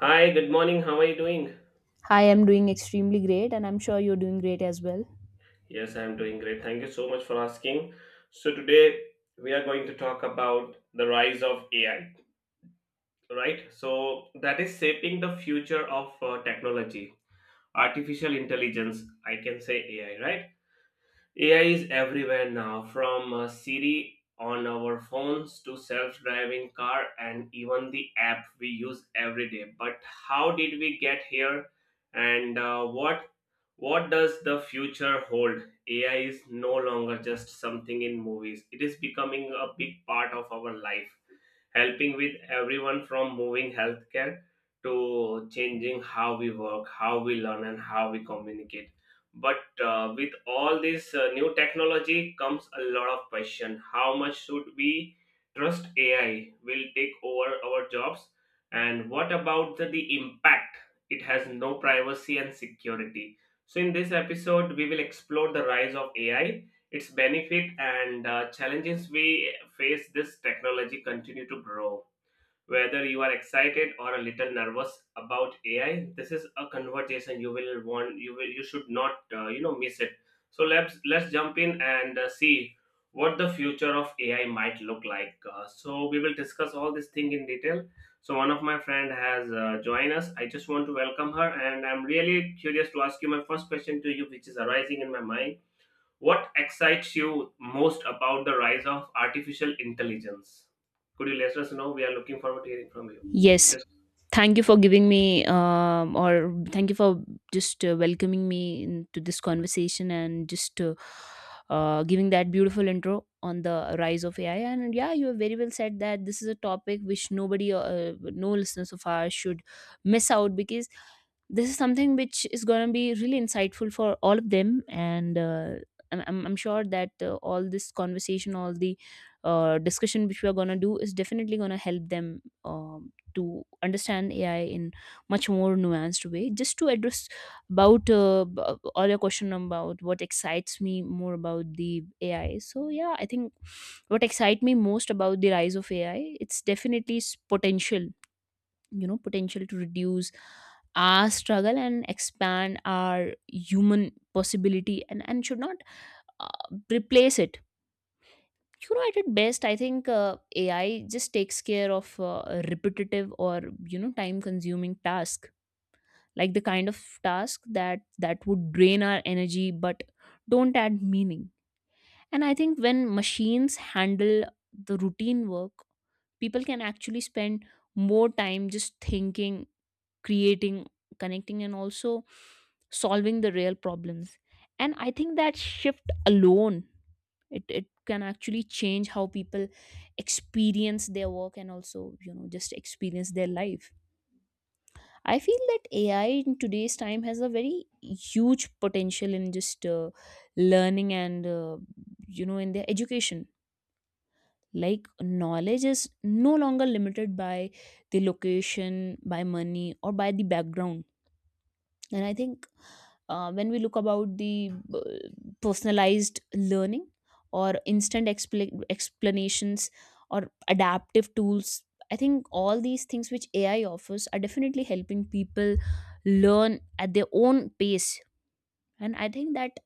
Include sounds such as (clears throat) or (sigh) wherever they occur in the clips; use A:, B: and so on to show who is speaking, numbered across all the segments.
A: Hi, good morning. How are you doing?
B: Hi, I'm doing extremely great, and I'm sure you're doing great as well.
A: Yes, I'm doing great. Thank you so much for asking. So today we are going to talk about the rise of AI, right? So that is shaping the future of technology, artificial intelligence, I can say AI, right? AI is everywhere now, from Siri on our phones to self driving car and even the app we use every day. But how did we get here? And what does the future hold? AI is no longer just something in movies. It is becoming a big part of our life, helping with everyone from moving healthcare to changing how we work, how we learn, and how we communicate. But With all this new technology comes a lot of question. How much should we trust AI will take over our jobs? And what about the impact? It has no privacy and security. So in this episode, we will explore the rise of AI, its benefit and challenges we face this technology continue to grow. Whether you are excited or a little nervous about AI, this is a conversation you will want you will you should not miss it. So let's jump in and see what the future of AI might look like. So we will discuss all this thing in detail. So one of my friend has joined us. I just want to welcome her and I'm really curious to ask you my first question to you, which is arising in my mind. What excites you most about the rise of artificial intelligence? Could you let us know? We are looking forward to hearing from you.
B: Yes.
A: Just
B: Thank you for giving me, or thank you for just welcoming me into this conversation and just giving that beautiful intro on the rise of AI. And yeah, you have very well said that this is a topic which nobody, no listeners of ours should miss out because this is something which is going to be really insightful for all of them. And I'm sure that all this conversation, all the discussion which we are going to do is definitely going to help them to understand AI in much more nuanced way. Just to address about all your question about what excites me more about the AI. So yeah, I think what excites me most about the rise of AI, it's definitely its potential. You know, potential to reduce our struggle and expand our human possibility, and should not replace it, you know. At its best, I think AI just takes care of repetitive or, you know, time consuming task, like the kind of task that would drain our energy but don't add meaning. And I think when machines handle the routine work, people can actually spend more time just thinking, creating, connecting, and also solving the real problems. And I think that shift alone, it can actually change how people experience their work and also, you know, just experience their life. I feel that AI in today's time has a very huge potential in just learning and you know, in their education, like knowledge is no longer limited by the location, by money, or by the background. And I think when we look about the personalized learning or explanations or adaptive tools, I think all these things which AI offers are definitely helping people learn at their own pace. And I think that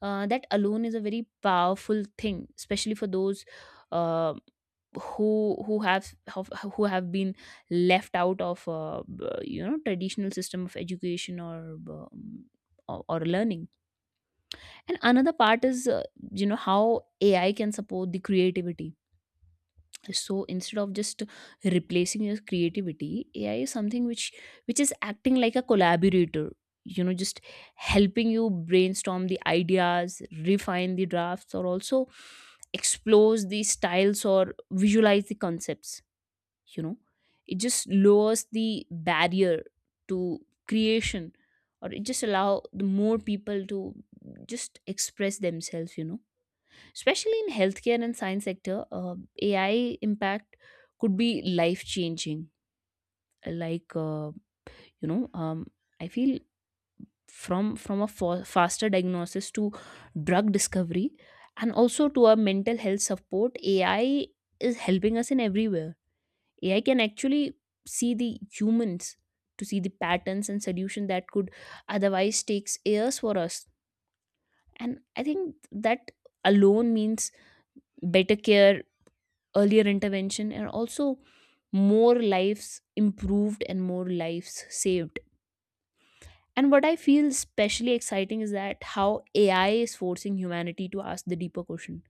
B: that alone is a very powerful thing, especially for those uh, who have been left out of you know, traditional system of education or um, or learning. And another part is you know, how AI can support the creativity. So instead of just replacing your creativity, AI is something which is acting like a collaborator, you know, just helping you brainstorm the ideas, refine the drafts, or also explores the styles or visualize the concepts, you know. It just lowers the barrier to creation, or it just allow the more people to just express themselves, you know. Especially in healthcare and science sector, AI impact could be life changing, like you know um, I feel from a faster diagnosis to drug discovery, and also to our mental health support. AI is helping us in everywhere. AI can actually see the humans, to see the patterns and solution that could otherwise takes years for us. And I think that alone means better care, earlier intervention, and also more lives improved and more lives saved. And what I feel especially exciting is that how AI is forcing humanity to ask the deeper question.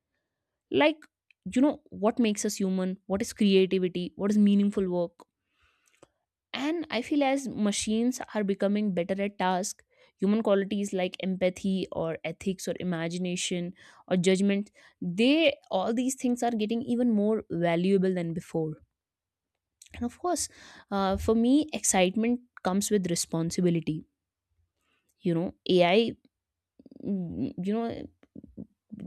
B: Like, you know, what makes us human? What is creativity? What is meaningful work? And I feel as machines are becoming better at task, human qualities like empathy or ethics or imagination or judgment, they all these things are getting even more valuable than before. And of course, for me, excitement comes with responsibility. You know, AI, you know,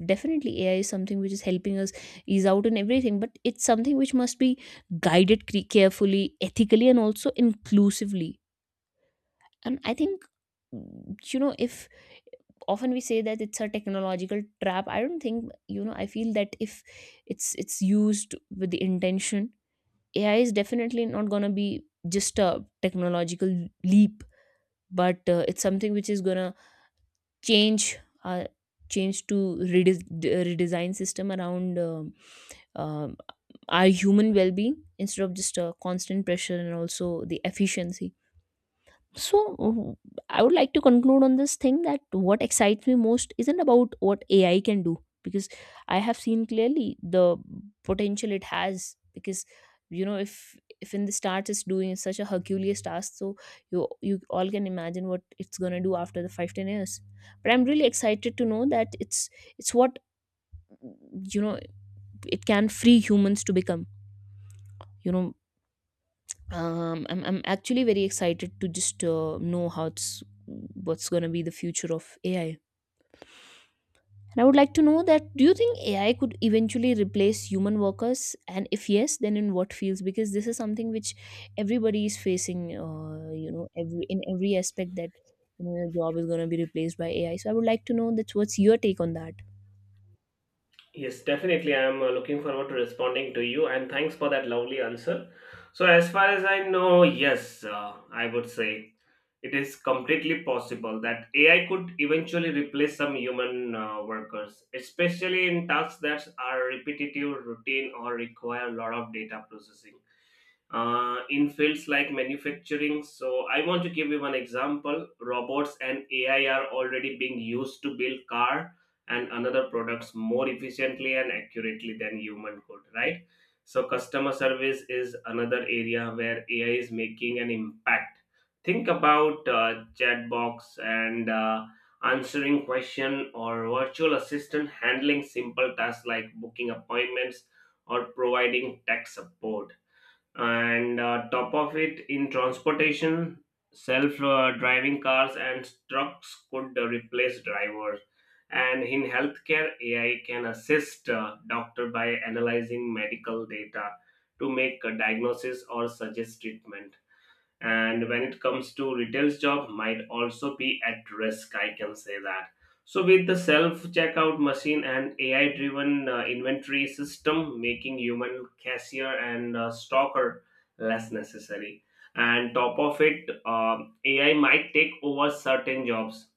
B: definitely AI is something which is helping us ease out in everything, but it's something which must be carefully, ethically, and also inclusively. And I think, you know, if often we say that it's a technological trap, I don't think, you know, I feel that if it's used with the intention, AI is definitely not gonna be just a technological leap, but it's something which is gonna change, uh, change to redesign system around um, our human well-being instead of just a constant pressure and also the efficiency. so, w- I would like to conclude on this thing that what excites me most isn't about what AI can do, because I have seen clearly the potential it has. Because you know, if in the start it's doing such a herculean task, so you all can imagine what it's going to do after the 5 10 years. But I'm really excited to know that it's what, you know, it can free humans to become, you know. I'm actually very excited to just know how it's, what's going to be the future of AI. And I would like to know, that do you think AI could eventually replace human workers, and if yes, then in what fields? Because this is something which everybody is facing, you know, every in every aspect, that you know, your job is going to be replaced by AI. So I would like to know that's what's your take on that.
A: Yes, definitely. I am looking forward to responding to you, and thanks for that lovely answer. So, as far as I know, yes, I would say it is completely possible that AI could eventually replace some human workers, especially in tasks that are repetitive, routine, or require a lot of data processing. In fields like manufacturing. So I want to give you one example. Robots and AI are already being used to build car and another products more efficiently and accurately than human could, right? So customer service is another area where AI is making an impact. Think about chat box and answering question or virtual assistant handling simple tasks like booking appointments or providing tech support. And top of it, in transportation, self driving cars and trucks could replace drivers. And in healthcare, AI can assist doctor by analyzing medical data to make a diagnosis or suggest treatment. And when it comes to retail's, job might also be at risk, I can say that. So with the self checkout machine and AI driven inventory system making human cashier and stalker less necessary. And top of it, AI might take over certain jobs.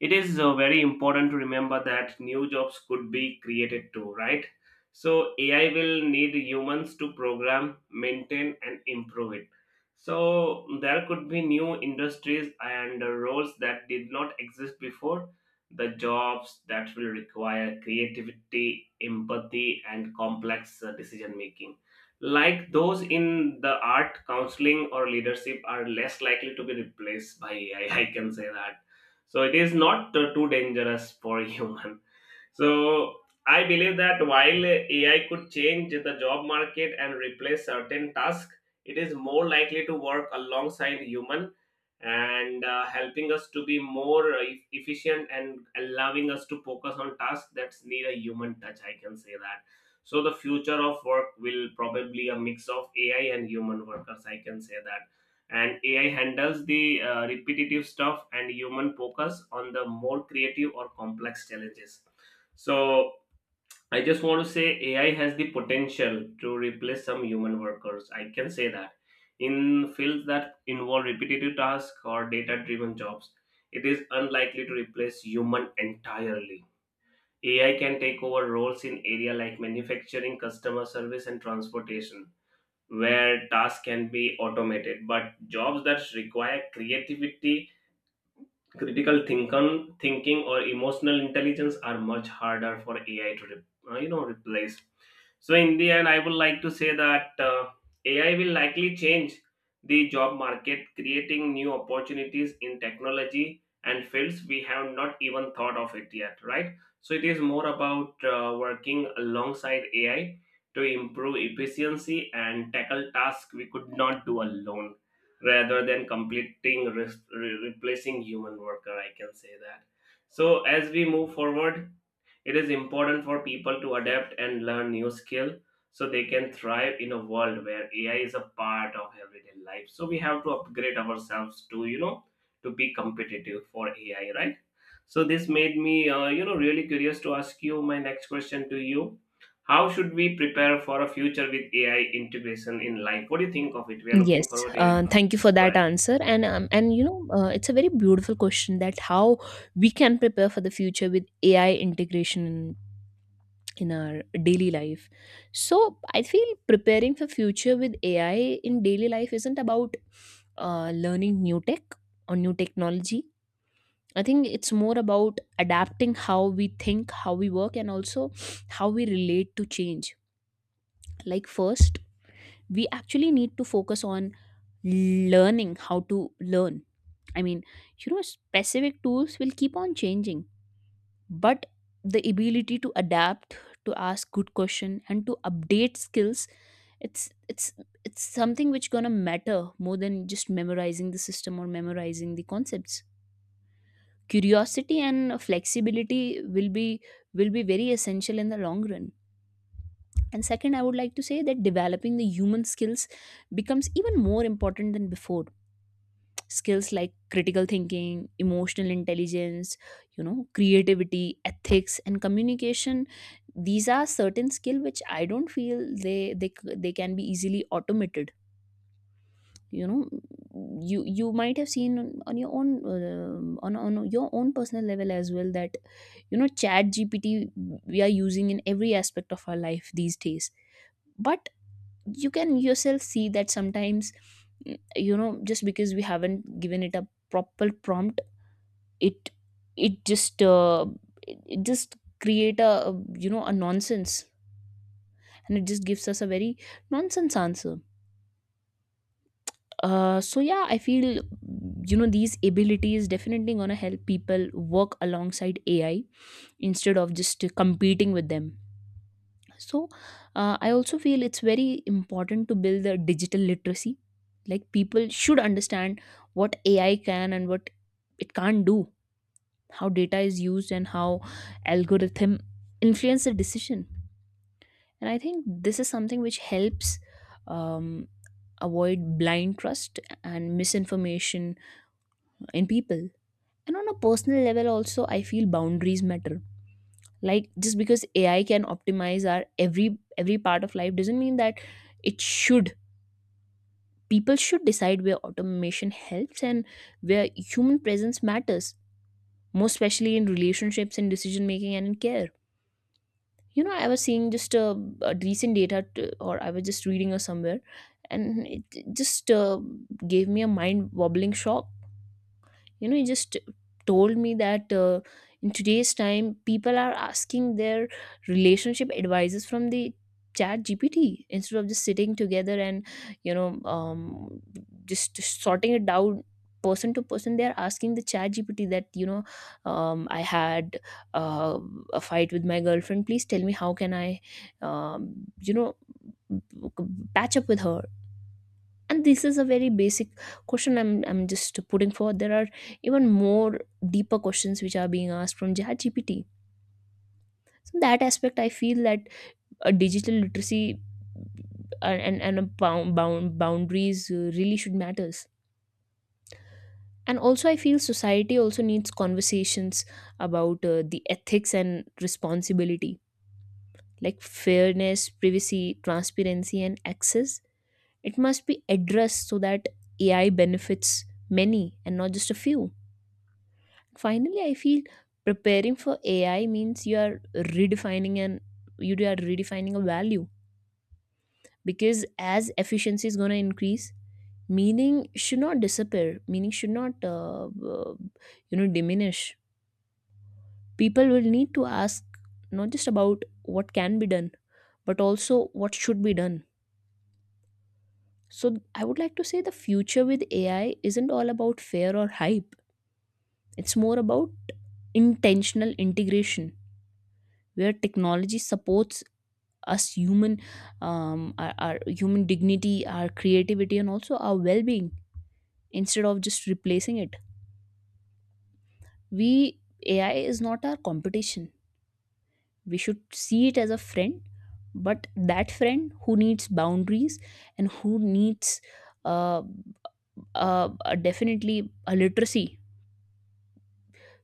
A: It is very important to remember that new jobs could be created too, right? So AI will need humans to program, maintain and improve it. So there could be new industries and roles that did not exist before. The jobs that will require creativity, empathy and complex decision making, like those in the art, counseling or leadership, are less likely to be replaced by AI, (laughs) I can say that. So it is not too dangerous for (laughs) human. So I believe that while AI could change the job market and replace certain tasks, it is more likely to work alongside human and helping us to be more efficient and allowing us to focus on tasks that need a human touch. I can say that. So the future of work will probably a mix of AI and human workers. I can say that. And AI handles the repetitive stuff and human focus on the more creative or complex challenges. So I just want to say AI has the potential to replace some human workers. I can say that in fields that involve repetitive tasks or data driven jobs, it is unlikely to replace human entirely. AI can take over roles in area like manufacturing, customer service and transportation, where tasks can be automated, but jobs that require creativity, critical thinking, or emotional intelligence are much harder for AI to replace. So in the end, I would like to say that AI will likely change the job market, creating new opportunities in technology and fields we have not even thought of it yet. Right. So it is more about working alongside AI to improve efficiency and tackle tasks we could not do alone, rather than replacing human worker, I can say that. So as we move forward, it is important for people to adapt and learn new skill, so they can thrive in a world where AI is a part of everyday life. So we have to upgrade ourselves to you know to be competitive for AI, right? So this made me really curious to ask you my next question to you. How should we prepare for a future with AI integration in life? What do you think of it? We are
B: Yes,
A: looking forward to hearing from you.
B: thank you for
A: Just go
B: that
A: ahead.
B: answer. And you know, it's a very beautiful question that how we can prepare for the future with AI integration in our daily life. So I feel preparing for future with AI in daily life isn't about learning new tech or new technology. I think it's more about adapting how we think, how we work, and also how we relate to change. Like first, we actually need to focus on learning how to learn. I mean, you know, specific tools will keep on changing, but the ability to adapt, to ask good question, and to update skills, it's it's it's something which gonna matter more than just memorizing the system or memorizing the concepts. Curiosity and flexibility will be very essential in the long run. And second, I would like to say that developing the human skills becomes even more important than before. Skills like critical thinking, emotional intelligence, you know, creativity, ethics, and communication, these are certain skill which I don't feel they can be easily automated. You know, you might have seen on your own, on your own personal level as well, that you know, Chat GPT we are using in every aspect of our life these days. But you can yourself see that sometimes, you know, just because we haven't given it a proper prompt, it it just it it just create a, you know, a nonsense, and it just gives us a very nonsense answer. So yeah, I feel, you know, these abilities definitely gonna help people work alongside AI instead of just competing with them. So I also feel it's very important to build the digital literacy. Like people should understand what AI can and what it can't do, how data is used, and how algorithm influence the decision. And I think this is something which helps um, avoid blind trust and misinformation in people. And on a personal level also, I feel boundaries matter. Like just because AI can optimize our every part of life doesn't mean that it should. People should decide where automation helps and where human presence matters most, especially in relationships, in decision making, and in care. You know, I was seeing just a recent or I was just reading or somewhere, and it just gave me a mind wobbling shock. You know, he just told me that in today's time, people are asking their relationship advisors from the Chat GPT instead of just sitting together and, you know, just sorting it down person to person. They are asking the Chat GPT that, you know, I had uh, a fight with my girlfriend, please tell me how can I, um, you know, patch up with her. And this is a very basic question, I'm just putting forward. There are even more deeper questions which are being asked from Chat GPT. So in that aspect, I feel that a digital literacy and and bound boundaries really should matters. And also I feel society also needs conversations about the ethics and responsibility, like fairness, privacy, transparency, and access. It must be addressed so that AI benefits many and not just a few. Finally, I feel preparing for AI means you are redefining, and you are redefining a value, because as efficiency is going to increase, meaning should not disappear. Meaning should not, you know, diminish. People will need to ask not just about what can be done, but also what should be done. So I would like to say the future with AI isn't all about fear or hype. It's more about intentional integration where technology supports us human, our human dignity, our creativity, and also our well-being instead of just replacing it. We AI is not our competition. We should see it as a friend, but that friend who needs boundaries and who needs, uh, definitely, a literacy.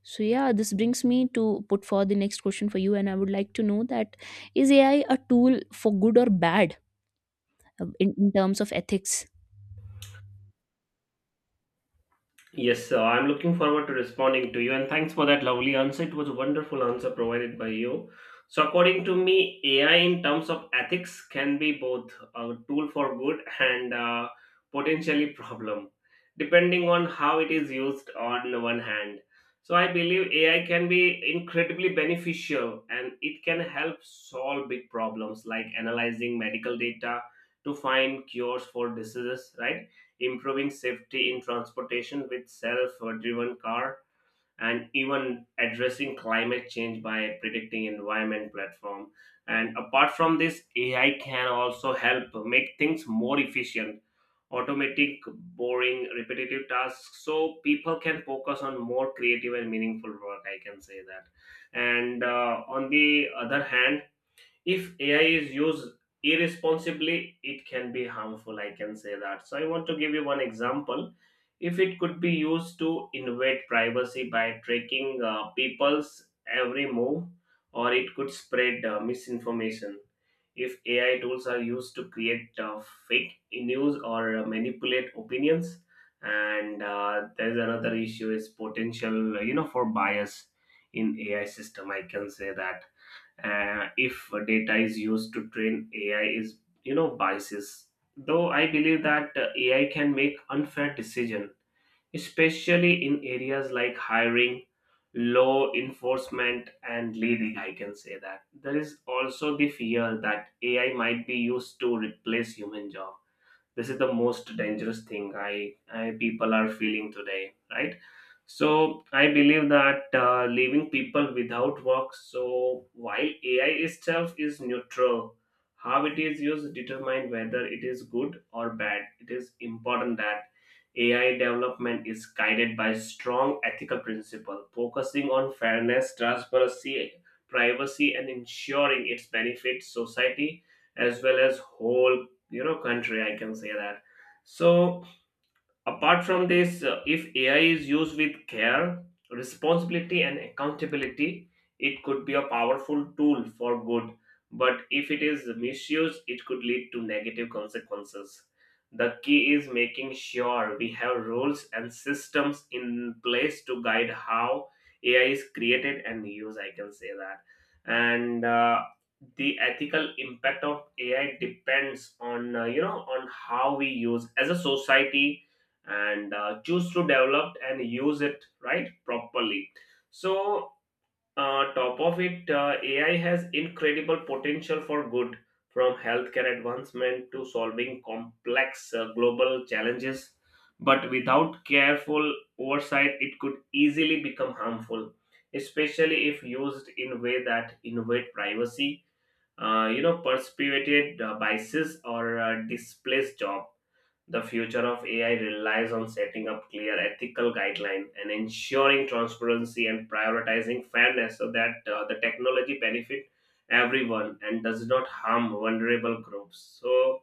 B: So yeah, this brings me to put forth the next question for you, and I would like to know that, is AI a tool for good or bad, in terms of ethics?
A: Yes, sir. I'm looking forward to responding to you, and thanks for that lovely answer. It was a wonderful answer provided by you. So, according to me, AI in terms of ethics can be both a tool for good and potentially problem, depending on how it is used. On the one hand, so I believe AI can be incredibly beneficial, and it can help solve big problems like analyzing medical data to find cures for diseases, right? Improving safety in transportation with self-driven car and even addressing climate change by predicting environment platform. And apart from this, AI can also help make things more efficient, automatic boring repetitive tasks so people can focus on more creative and meaningful work, I can say that. And on the other hand, if AI is used irresponsibly, it can be harmful, I can say that. So I want to give you one example. If it could be used to invade privacy by tracking people's every move, or it could spread misinformation if AI tools are used to create fake news or manipulate opinions. And there's another issue is potential you know for bias in AI system, I can say that. If data is used to train AI is you know biases. Though I believe that AI can make unfair decision, especially in areas like hiring, law enforcement, and leading. I can say that there is also the fear that AI might be used to replace human job. This is the most dangerous thing I people are feeling today, right? So I believe that leaving people without work. So while AI itself is neutral, how it is used determine whether it is good or bad. It is important that AI development is guided by strong ethical principle, focusing on fairness, transparency, privacy and ensuring its benefits society as well as whole you know country, I can say that. So apart from this, if AI is used with care, responsibility, and accountability, it could be a powerful tool for good. But if it is misused, it could lead to negative consequences. The key is making sure we have rules and systems in place to guide how AI is created and used. I can say that. And the ethical impact of AI depends on you know on how we use as a society and choose to develop and use it right properly. So top of it, AI has incredible potential for good, from healthcare advancement to solving complex global challenges. But without careful oversight, it could easily become harmful, especially if used in a way that invade privacy, perpetuated biases or displace job. The future of AI relies on setting up clear ethical guidelines and ensuring transparency and prioritizing fairness, so that the technology benefit everyone and does not harm vulnerable groups. So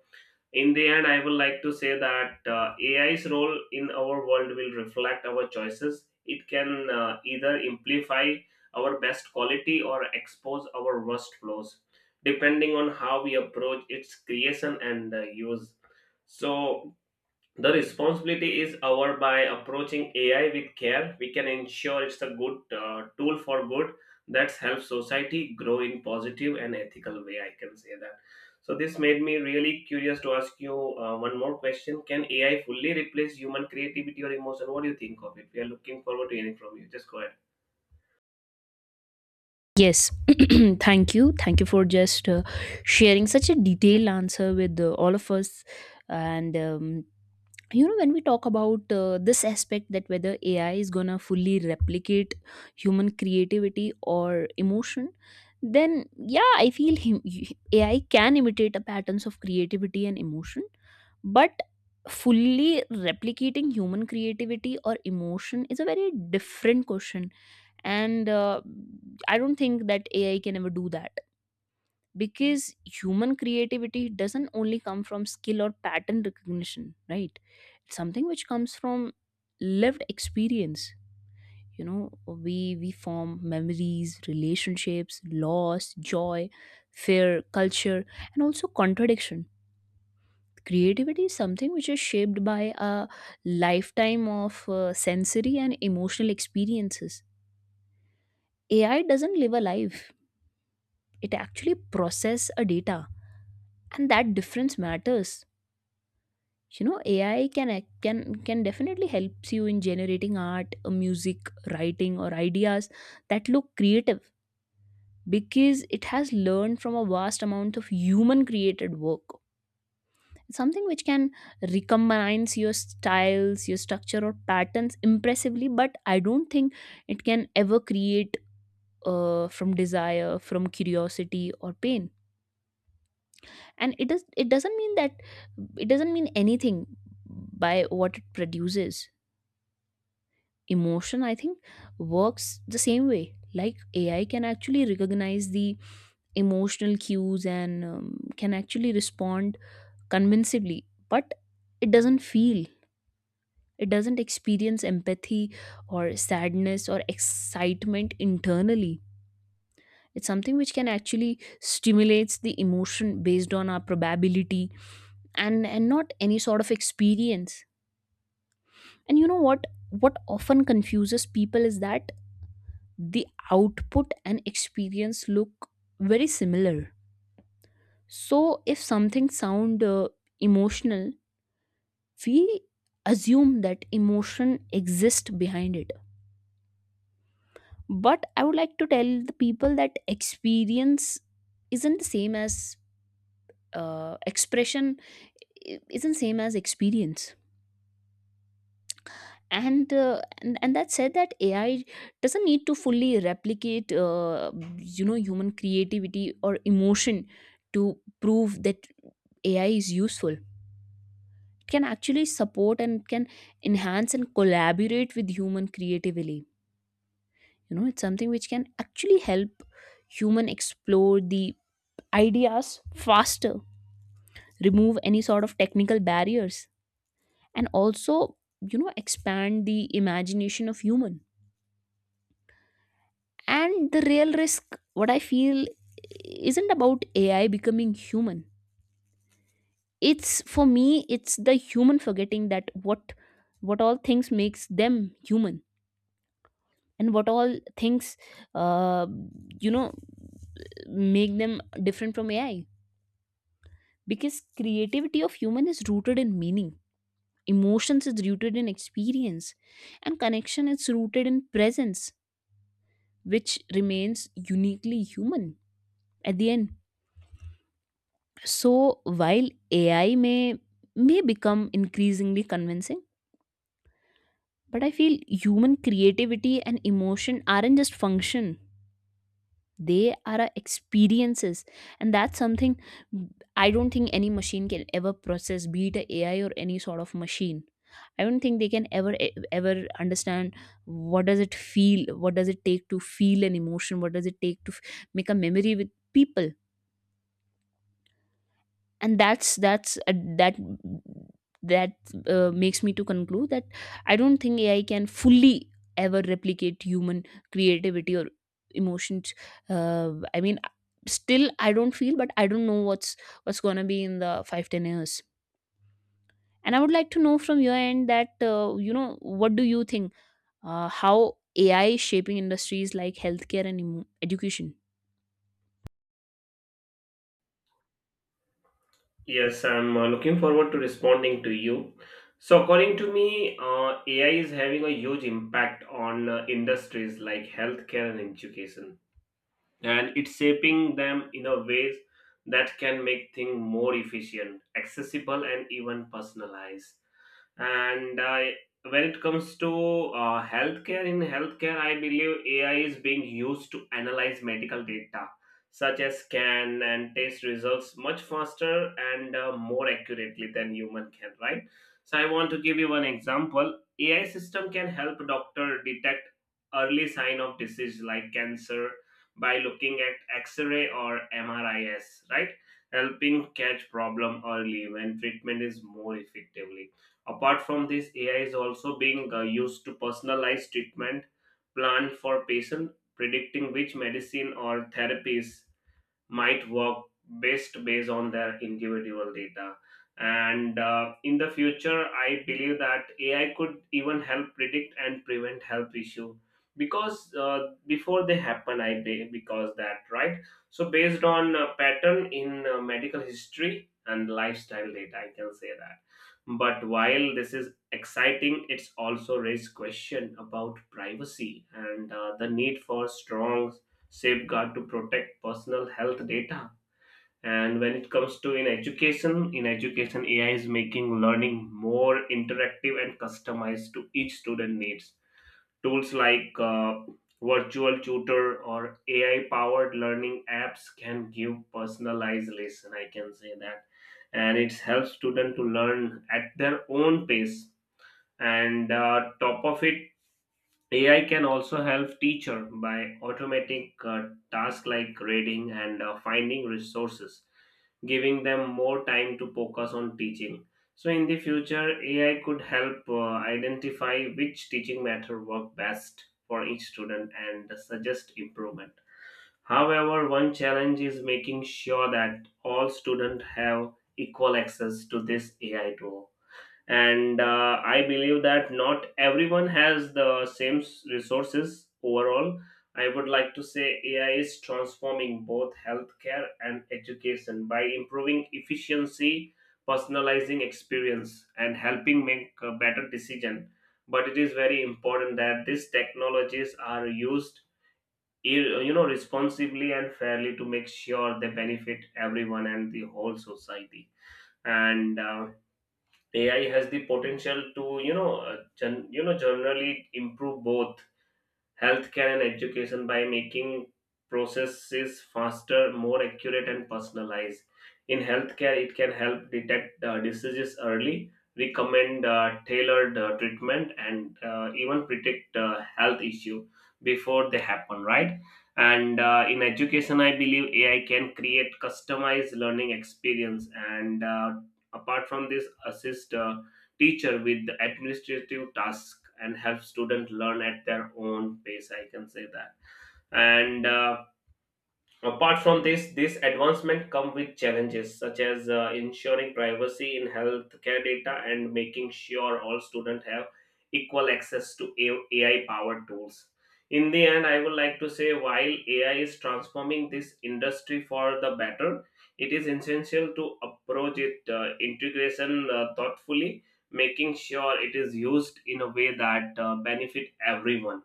A: in the end, I would like to say that AI's role in our world will reflect our choices. It can either amplify our best quality or expose our worst flaws, depending on how we approach its creation and use. So the responsibility is our. By approaching AI with care, we can ensure it's a good tool for good that helps society grow in positive and ethical way. I can say that. So this made me really curious to ask you one more question. Can AI fully replace human creativity or emotion? What do you think of it? We are looking forward to hearing from you. Just go ahead.
B: Yes, (clears throat) thank you. Thank you for just sharing such a detailed answer with all of us. And, you know, when we talk about this aspect that whether AI is gonna fully replicate human creativity or emotion, then yeah, I feel AI can imitate the patterns of creativity and emotion, but fully replicating human creativity or emotion is a very different question. And I don't think that AI can ever do that, because human creativity doesn't only come from skill or pattern recognition, right? It's something which comes from lived experience. You know, we form memories, relationships, loss, joy, fear, culture, and also contradiction. Creativity is something which is shaped by a lifetime of sensory and emotional experiences. AI doesn't live a life, it actually process a data, and that difference matters. You know, ai can can can definitely helps you in generating art, music, writing, or ideas that look creative, because it has learned from a vast amount of human created work. It's something which can recombines your styles, your structure, or patterns impressively, but I don't think it can ever create from desire, from curiosity, or pain. And it does, it doesn't mean that, it doesn't mean anything by what it produces. Emotion, I think, works the same way. Like, AI can actually recognize the emotional cues and can actually respond convincingly, but it doesn't feel. It doesn't experience empathy, or sadness, or excitement internally. It's something which can actually stimulates the emotion based on our probability, and not any sort of experience. And you know what often confuses people is that the output and experience look very similar. So if something sound emotional, we assume that emotion exists behind it. But I would like to tell the people that experience isn't the same as expression. Isn't same as experience. And that said that AI doesn't need to fully replicate, you know, human creativity or emotion to prove that AI is useful. It can actually support, and can enhance, and collaborate with human creatively. You know, it's something which can actually help human explore the ideas faster, remove any sort of technical barriers, and also, you know, expand the imagination of human. And the real risk, what I feel, isn't about AI becoming human. It's for me, it's the human forgetting that what all things makes them human, and what all things, uh, you know, make them different from AI. Because creativity of human is rooted in meaning, emotions is rooted in experience, and connection is rooted in presence, which remains uniquely human at the end. So while AI may become increasingly convincing, but I feel human creativity and emotion aren't just function. They are our experiences, and that's something I don't think any machine can ever process, be it a AI or any sort of machine. I don't think they can ever ever understand what does it feel, what does it take to feel an emotion, what does it take to make a memory with people. And that that makes me to conclude that I don't think AI can fully ever replicate human creativity or emotions. I mean, still I don't feel, but I don't know what's gonna be in the 5-10 years. And I would like to know from your end that, you know, what do you think, how AI is shaping industries like healthcare and education?
A: Yes, I'm looking forward to responding to you. So, according to me, AI is having a huge impact on industries like healthcare and education, and it's shaping them in a ways that can make things more efficient, accessible, and even personalized. And when it comes to healthcare, in healthcare, I believe AI is being used to analyze medical data, such as scan and test results, much faster and more accurately than human can, right? So I want to give you one example. AI system can help doctor detect early sign of disease like cancer by looking at X-ray or MRIs, right? Helping catch problem early when treatment is more effective. Apart from this, AI is also being used to personalize treatment plan for patient, predicting which medicine or therapies might work best based on their individual data. And In the future, I believe that AI could even help predict and prevent health issue because before they happen, because that right. So based on pattern in medical history and lifestyle data, I can say that. But while this is exciting, it's also raised question about privacy and the need for strong safeguard to protect personal health data. And when it comes to in education, AI is making learning more interactive and customized to each student needs. Tools like virtual tutor or AI powered learning apps can give personalized lesson, I can say that, and it helps students to learn at their own pace. And Top of it, AI can also help teacher by automatic tasks like reading and finding resources, giving them more time to focus on teaching. So in the future, AI could help identify which teaching method work best for each student and suggest improvement. However, one challenge is making sure that all students have equal access to this AI tool, and I believe that not everyone has the same resources. Overall, I would like to say AI is transforming both healthcare and education by improving efficiency, personalizing experience, and helping make a better decision, but it is very important that these technologies are used responsibly and fairly to make sure they benefit everyone and the whole society. And AI has the potential to, generally improve both healthcare and education by making processes faster, more accurate, and personalized. In healthcare, it can help detect diseases early, recommend tailored treatment, and even predict health issue before they happen. Right. And In education, I believe AI can create customized learning experience, and apart from this, assist teacher with the administrative task and help students learn at their own pace, I can say that. And Apart from this, this advancement come with challenges such as ensuring privacy in healthcare data and making sure all students have equal access to AI powered tools. In the end, I would like to say while AI is transforming this industry for the better, it is essential to approach it integration thoughtfully, making sure it is used in a way that benefit everyone,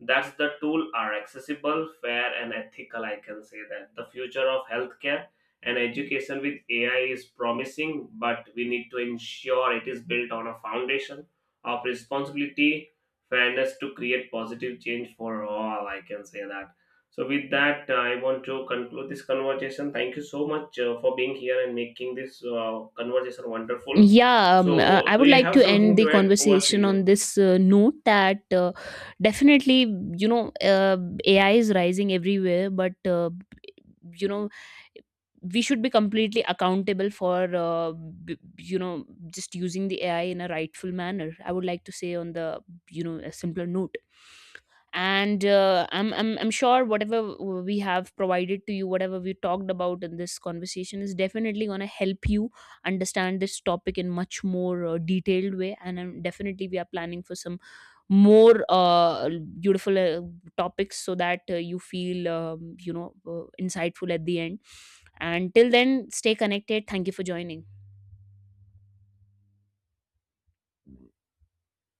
A: that's the tool are accessible, fair, and ethical. I can say that the future of healthcare and education with AI is promising, but we need to ensure it is built on a foundation of responsibility, fairness to create positive change for all. I can say that. So, with that, I want to conclude this conversation. Thank you so much for being here and making this conversation wonderful.
B: Yeah,
A: So,
B: I
A: do
B: would
A: you
B: like
A: have
B: to end
A: something
B: the
A: to add? Over to
B: conversation on
A: you.
B: this note that, definitely, you know, AI is rising everywhere, but, you know, we should be completely accountable for, you know, just using the AI in a rightful manner. I would like to say on the, you know, a simpler note. And I'm sure whatever we have provided to you, whatever we talked about in this conversation, is definitely going to help you understand this topic in much more detailed way. And definitely we are planning for some more beautiful topics, so that you feel, you know, insightful at the end. And till then, stay connected. Thank you for joining.